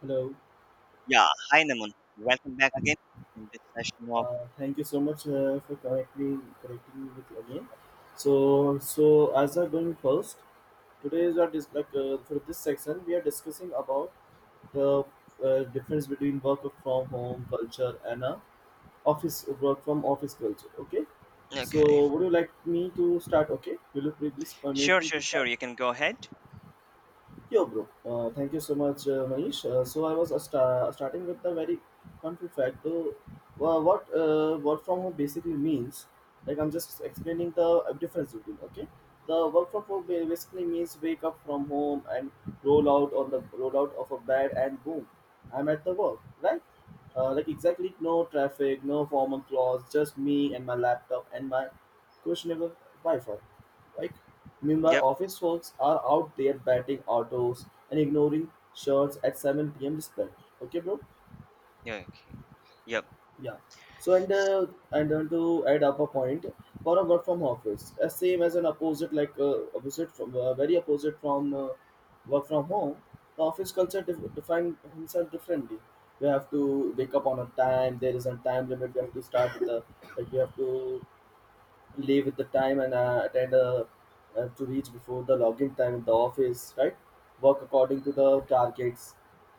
Hello. Yeah, hi Naman. Welcome back again in this session of… Thank you so much for connecting me with again. So as I'm going first, today is our for this section we are discussing about the difference between work from home culture and a office work from office culture. Okay. Okay. So would you like me to start? Okay. Will you please permit Sure, me sure, to sure. start? You can go ahead. Yo, bro. Thank you so much, Manish. So I was starting with the very country fact. Though, what work from home basically means, like I'm just explaining the difference between. Okay, the work from home basically means wake up from home and roll out of a bed and boom, I'm at the work. Right? Like exactly no traffic, no formal clothes, just me and my laptop and my questionable Wi-Fi. Like, meanwhile, Yep. office folks are out there batting autos and ignoring shirts at 7 p.m. despite. Okay, bro? Yeah. Okay. Yep. Yeah. So, and then to add up a point for a work from office, as same as an opposite, opposite from very opposite from work from home, the office culture define himself differently. We have to wake up on a time. There is a time limit. We have to leave with the time and attend to reach before the login time in the office, right? Work according to the targets.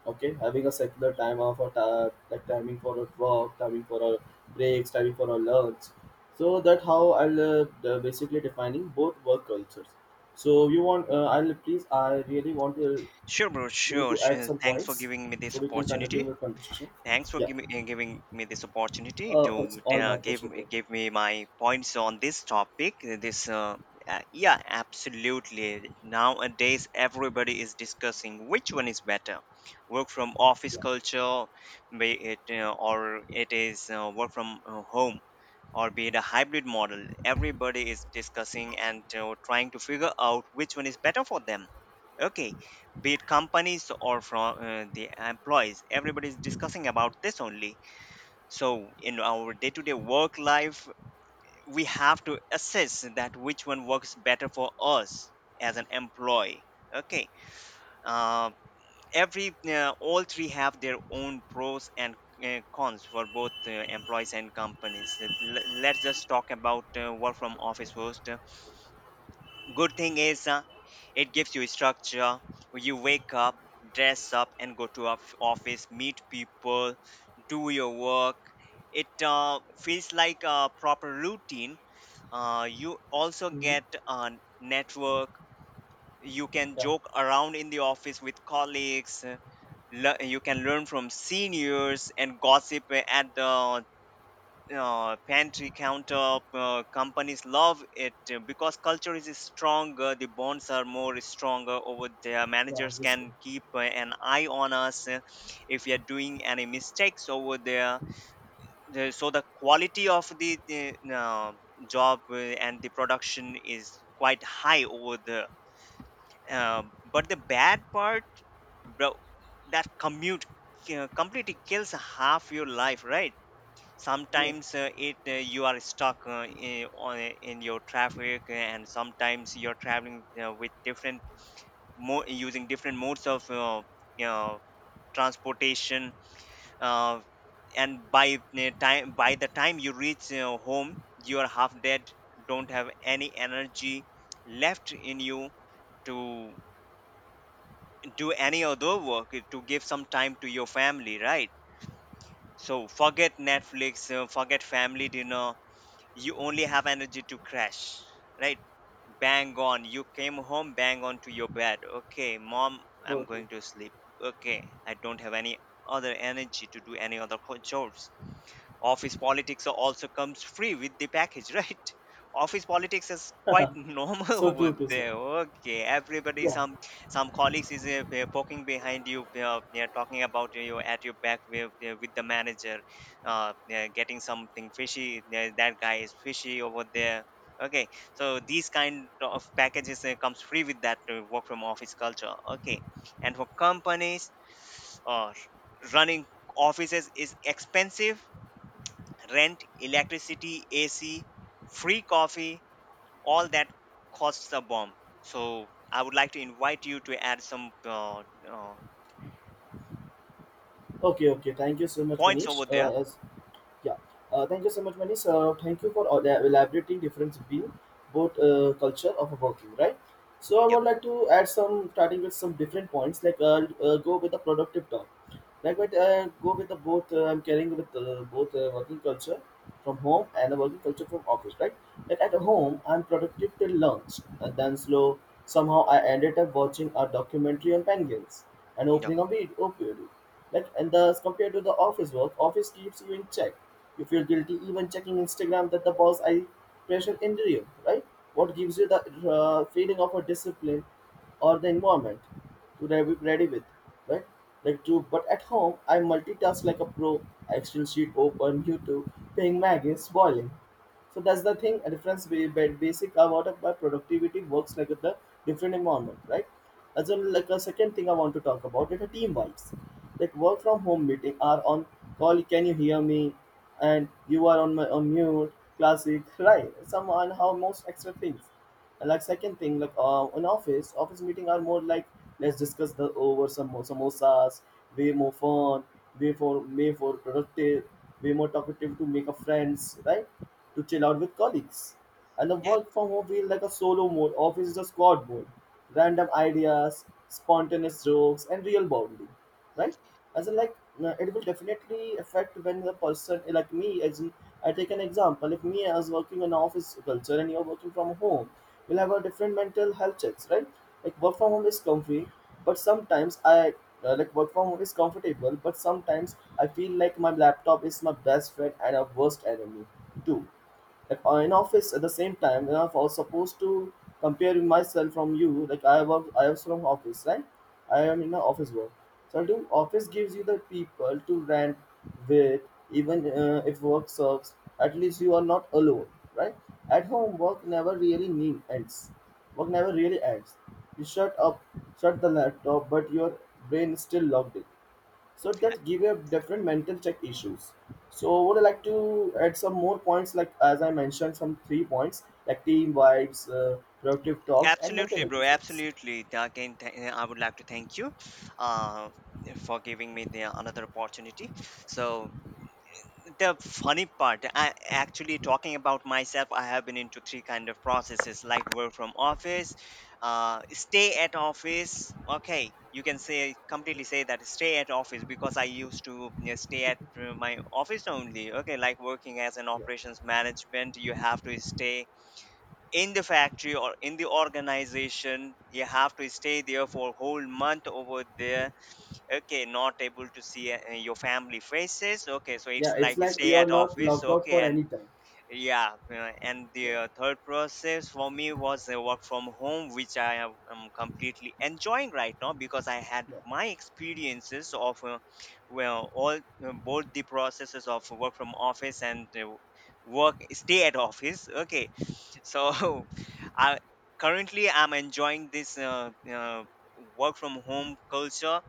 Okay, having a secular time off or like timing for a work, timing for our breaks, timing for our lunch. So that how basically defining both work cultures. So you want, I really want to Sure, bro. you Sure, to add sure. some Thanks for points giving me this so we can continue opportunity. the conversation. Thanks for Yeah. giving me this opportunity to It's all my pleasure, bro. give me my points on this topic. This Yeah, absolutely. Nowadays, everybody is discussing which one is better, work from office Yeah. culture, be it or it is work from home, or be it a hybrid model. Everybody is discussing and trying to figure out which one is better for them. Okay, be it companies or from the employees, everybody is discussing about this only. So in our day to day work life, we have to assess that which one works better for us as an employee. Okay uh, every uh, All three have their own pros and cons for both employees and companies. Let's just talk about work from office first. Good thing is, it gives you structure. You wake up, dress up, and go to office, meet people, do your work. It feels like a proper routine. You also Hmm. get a network. You can Yeah. joke around in the office with colleagues. You can learn from seniors and gossip at the pantry counter. Companies love it because culture is stronger, the bonds are more stronger over there. Yeah, Managers obviously. can keep an eye on us if we are doing any mistakes over there. So the quality of the uh, uh, job and the production is quite high over there. uh, but the bad part, bro, that commute completely kills half your life, right? Yeah. Sometimes it you are stuck in your traffic, and sometimes you're traveling with different mo using different modes of you know transportation. uh, and by the time you reach home, you are half dead, don't have any energy left in you to do any other work, to give some time to your family, right? So forget Netflix, forget family dinner, you only have energy to crash, right? Bang on, you came home, bang on to your bed. Okay, mom, I'm Okay. going to sleep. Okay, I don't have any other energy to do any other chores. Office politics also comes free with the package, right? Office politics is quite Yeah, normal so over true to say. there. Okay, everybody, Yeah. Some colleagues is poking behind you, yeah, talking about you at your back with the manager. Yeah, getting something fishy. Yeah, that guy is fishy over there. Okay, so these kind of packages comes free with that work from office culture. Okay, and for companies, uh, running offices is expensive. Rent, electricity, AC, free coffee, all that costs a bomb. So I would like to invite you to add some uh, Okay, okay. Thank you so much, points Manish. over there. As yeah, Thank you so much, Manish. Thank you for all the elaborating difference between both culture of working, right? So I Yep, would like to add some, starting with some different points. Like I'll go with the productive talk. Like but Go with the both. I'm carrying with both working culture from home and the working culture from office, right? Yet at home I'm productive till lunch, and then slow. Somehow I ended up watching a documentary on penguins and yep, opening a weed opioid. Like and thus compared to the office work, office keeps you in check. You feel guilty even checking Instagram that the boss I pressure into you, right? What gives you the feeling of a discipline or the environment to be ready with, right? Like to but At home I multitask like a pro. Excel sheet open, YouTube, paying Maggie's boiling. So that's the thing, a difference basic about of my productivity works like with the different environment, right? As in like a second thing I want to talk about is the team vibes. Like work from home meeting are on call, can you hear me? And you are on mute, classic, right? Some on how most extra things. And like second thing, in office, office meeting are more like let's discuss the over some samosas, way more fun, way more productive, way more talkative to make a friends, right? To chill out with colleagues. And the yep. work from home feel like a solo mode. Office is a squad mode. Random ideas, spontaneous jokes, and real bonding, right? As in like, no, it will definitely affect when the person like me, as in, I take an example if me as working in office culture and you're working from home, we'll have a different mental health checks, right? Like work from home is comfy, but sometimes I, like work from home is comfortable but sometimes I feel like my laptop is my best friend and a worst enemy too. In office at the same time when I was supposed to compare myself from you, like I was from office, right? I am in the office work. So I think office gives you the people to rant with, even if work sucks, at least you are not alone, right? At home, work never really ends. You shut the laptop but your brain is still logged in. So that give a different mental check issues. So would I like to add some more points, like as I mentioned some 3 points: like team vibes, productive talk, and mental Absolutely, bro. health checks. Absolutely. Again, I would like to thank you uh, for giving me the another opportunity. So the funny part, I actually talking about myself, I have been into three kind of processes, like work from office, stay at office. Okay, you can say completely say that stay at office because I used to, you know, stay at my office only. Okay, like working as an Yeah. operations management, you have to stay in the factory or in the organization, you have to stay there for whole month over there. Okay, not able to see your family faces. Okay, so it's Yeah, it's like like stay you're at not office. locked out Okay, for and any time. yeah, and the Yeah, third process for me was work from home, which I am completely enjoying right now, because I had yeah, my experiences of well all both the processes of work from office and work stay at office. Okay, so I currently I'm enjoying this work from home culture,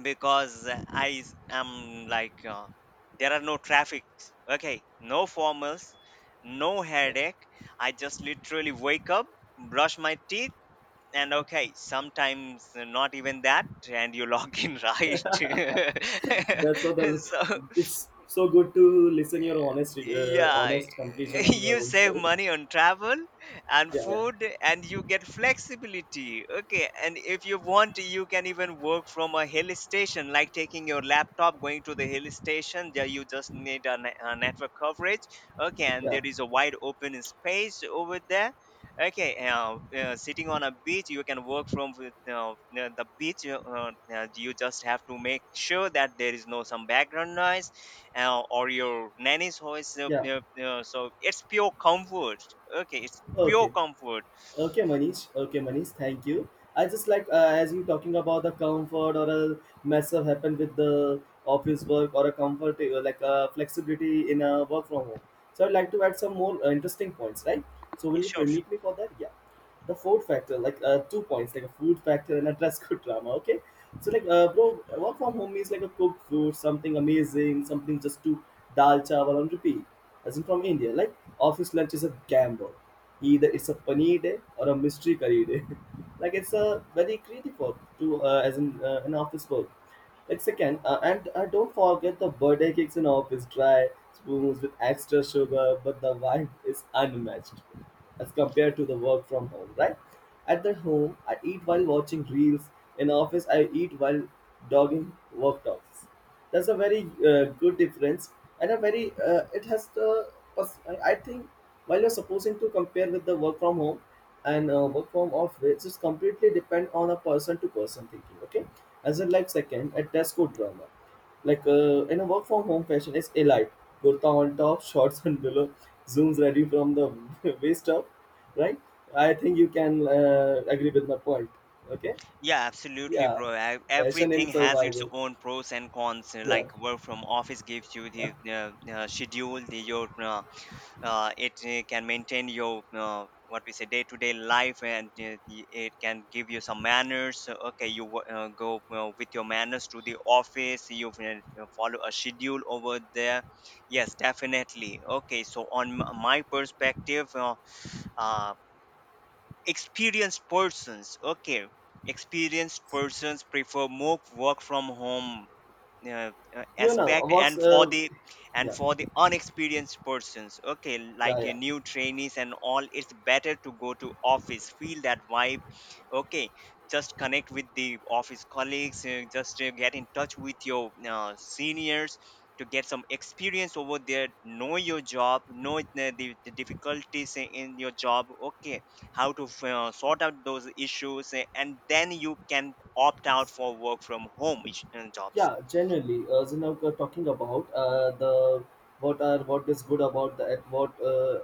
because I am like there are no traffics. Okay, no formals, no yeah. headache. I just literally wake up, brush my teeth, and okay, sometimes not even that, and you log in right. That's all the, So it's so good to listen your honest uh, yeah, honest completion on your you own save self. money on travel and Yeah, yeah, food, and you get flexibility. Okay, and if you want, you can even work from a hill station, like taking your laptop, going to the hill station. There, you just need a, a network coverage. Okay, and yeah. there is a wide open space over there. Okay, sitting on a beach, you can work from with, the beach. You just have to make sure that there is no some background noise or your nanny's voice. Yeah. So it's pure comfort. Okay, it's pure Okay. comfort. Okay, Manish. Okay, Manish. Thank you. I just like as you talking about the comfort or a mess up happen with the office work or a comfort, flexibility in a work from home. So I'd like to add some more interesting points, right? So will Yeah, you sure, sure. permit me for that? Yeah, the fourth factor, like 2 points, like a food factor and a dress code drama. Okay, so like, bro, work from home means like a cooked food, something amazing, something just to dal chawal on repeat. As in from India, like office lunch is a gamble. Either it's a paneer day or a mystery curry day. Like it's a very creative work to as in an office work. It's second, and don't forget the birthday cakes in office, dry spoons with extra sugar, but the vibe is unmatched as compared to the work from home, right? At the home, I eat while watching reels. In office, I eat while dogging workouts. That's a very good difference, and a very it has the. I think while you're supposing to compare with the work from home and work from office, it's completely depend on a person to person thinking. Okay, as in like second a desk Tesco drama, in a work from home fashion is elite, kurta on top, shorts on below, zooms ready from the waist up, right? I think you can agree with my point. Okay, Yeah, absolutely, yeah, bro. I, fashion in everything has its survival. own pros and cons. Yeah. Like work from office gives you the schedule, the your it can maintain your what we say day to day life, and it can give you some manners. So, okay, you go with your manners to the office, you follow a schedule over there. Yes, definitely. Okay, so on my perspective, uh, experienced persons, okay, experienced persons prefer more work from home You know aspect. what's And for the and yeah, for the unexperienced persons, okay, yeah, like yeah. your new trainees and all, it's better to go to office, feel that vibe. Okay, just connect with the office colleagues, just get in touch with your seniors to get some experience over there, know your job, know it, the difficulties in your job. Okay, how to sort out those issues, and then you can opt out for work from home jobs. Yeah, generally, you know we're talking about the what are what is good about the at what,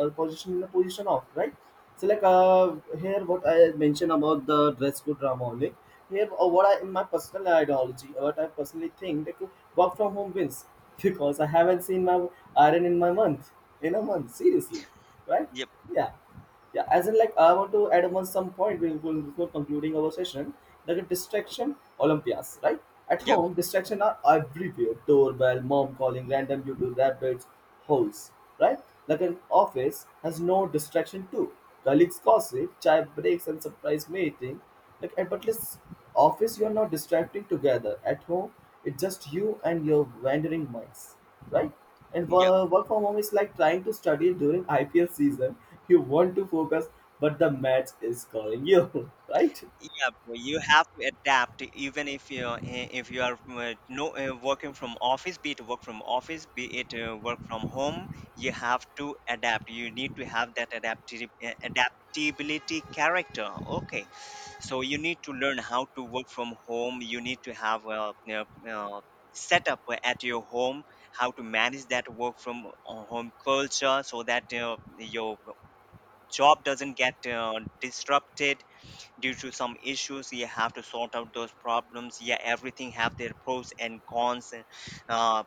our position in the position of, right? So like, here what I mentioned about the dress code drama only. Here, what I, in my personal ideology, what I personally think, that work from home wins because I haven't seen my iron in a month, seriously, right? Yep. Yeah. Yeah, as in, like, I want to add one some point before concluding our session, like a distraction olympias, right? At Yep. home distraction are everywhere, doorbell, mom calling, random YouTube rabbits holes, right? Like an office has no distraction too: colleagues gossip, chai breaks, and surprise meeting. Like at but least office you are not distracting together. At home it's just you and your wandering minds, right? And Yep. Work from home is like trying to study during IPL season. You want to focus, but the match is calling you, right? Yeah, but you have to adapt even if if you are no working from office, be it work from office, be it work from home, you have to adapt. You need to have that adaptability character. Okay, so you need to learn how to work from home. You need to have a, setup at your home, how to manage that work from home culture, so that your job doesn't get disrupted due to some issues. You have to sort out those problems. Yeah, everything have their pros and cons. uh,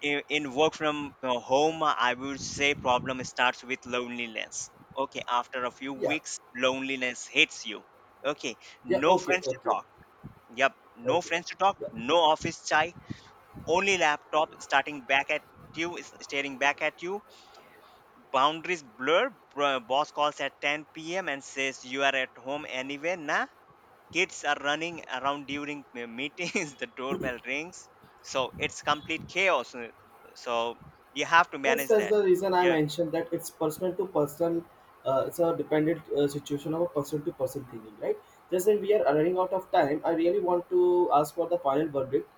in work from home, I would say problem starts with loneliness. Okay, after a few Yeah, weeks, loneliness hits you. Okay, yeah, no okay, friends to okay, talk. Yep, no okay. friends to talk, Yeah, no office chai, only laptop starting back at you is staring back at you. Boundaries blur. Boss calls at 10 p.m. and says you are at home anyway, nah. Kids are running around during the meetings, the doorbell rings. So it's complete chaos. So you have to that's, manage that's that. the reason I Yeah. mentioned that it's person to person, it's a dependent, situation of a person to person thinking, right? Just that we are running out of time, I really want to ask for the final verdict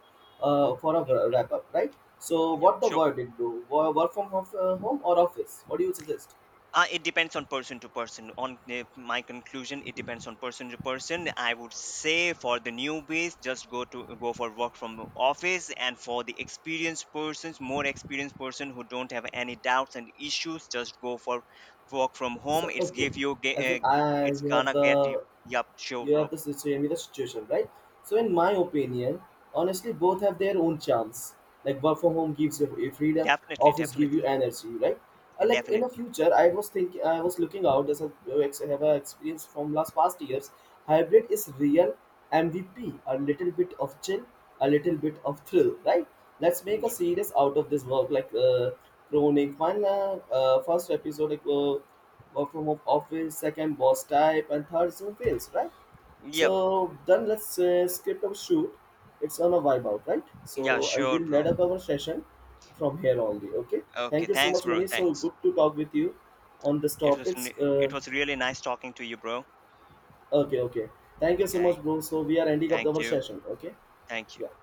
for Mhm. a wrap up, right? So, Yeah, what the sure. verdict, bro? Work from home or office? What do you suggest? It depends on person to person. On my conclusion, it depends on person to person. I would say for the newbies, just go for work from office, and for the experienced persons, more experienced person who don't have any doubts and issues, just go for work from home. So, It's okay, give you as in, I it's gonna get you… Yup, sure, you bro. have the situation with the situation, right? So in my opinion, honestly both have their own charms. Like work from home gives you a freedom, Definitely, office give you definitely, energy, right? And Like in the definitely. future, I was looking out as a have a experience from last past years. Hybrid is real MVP, a little bit of chill, a little bit of thrill, right? Let's make a Yep. series out of this work, like chronic one, first episode, like, work from home office, second boss type, and third zoom fails, right? Yep. So then let's skip a shoot. It's on a vibe out, right? Yeah, So I sure, will lead bro. up our session from here only. Okay. Thank Okay, you so thanks, much, bro. Mani. So good Thanks. to talk with you on this It was topics. it was really nice talking to you, bro. Okay, okay. Thank you so much, Okay. bro. So we are ending up Thank our you. session. Okay. Thank you. Yeah.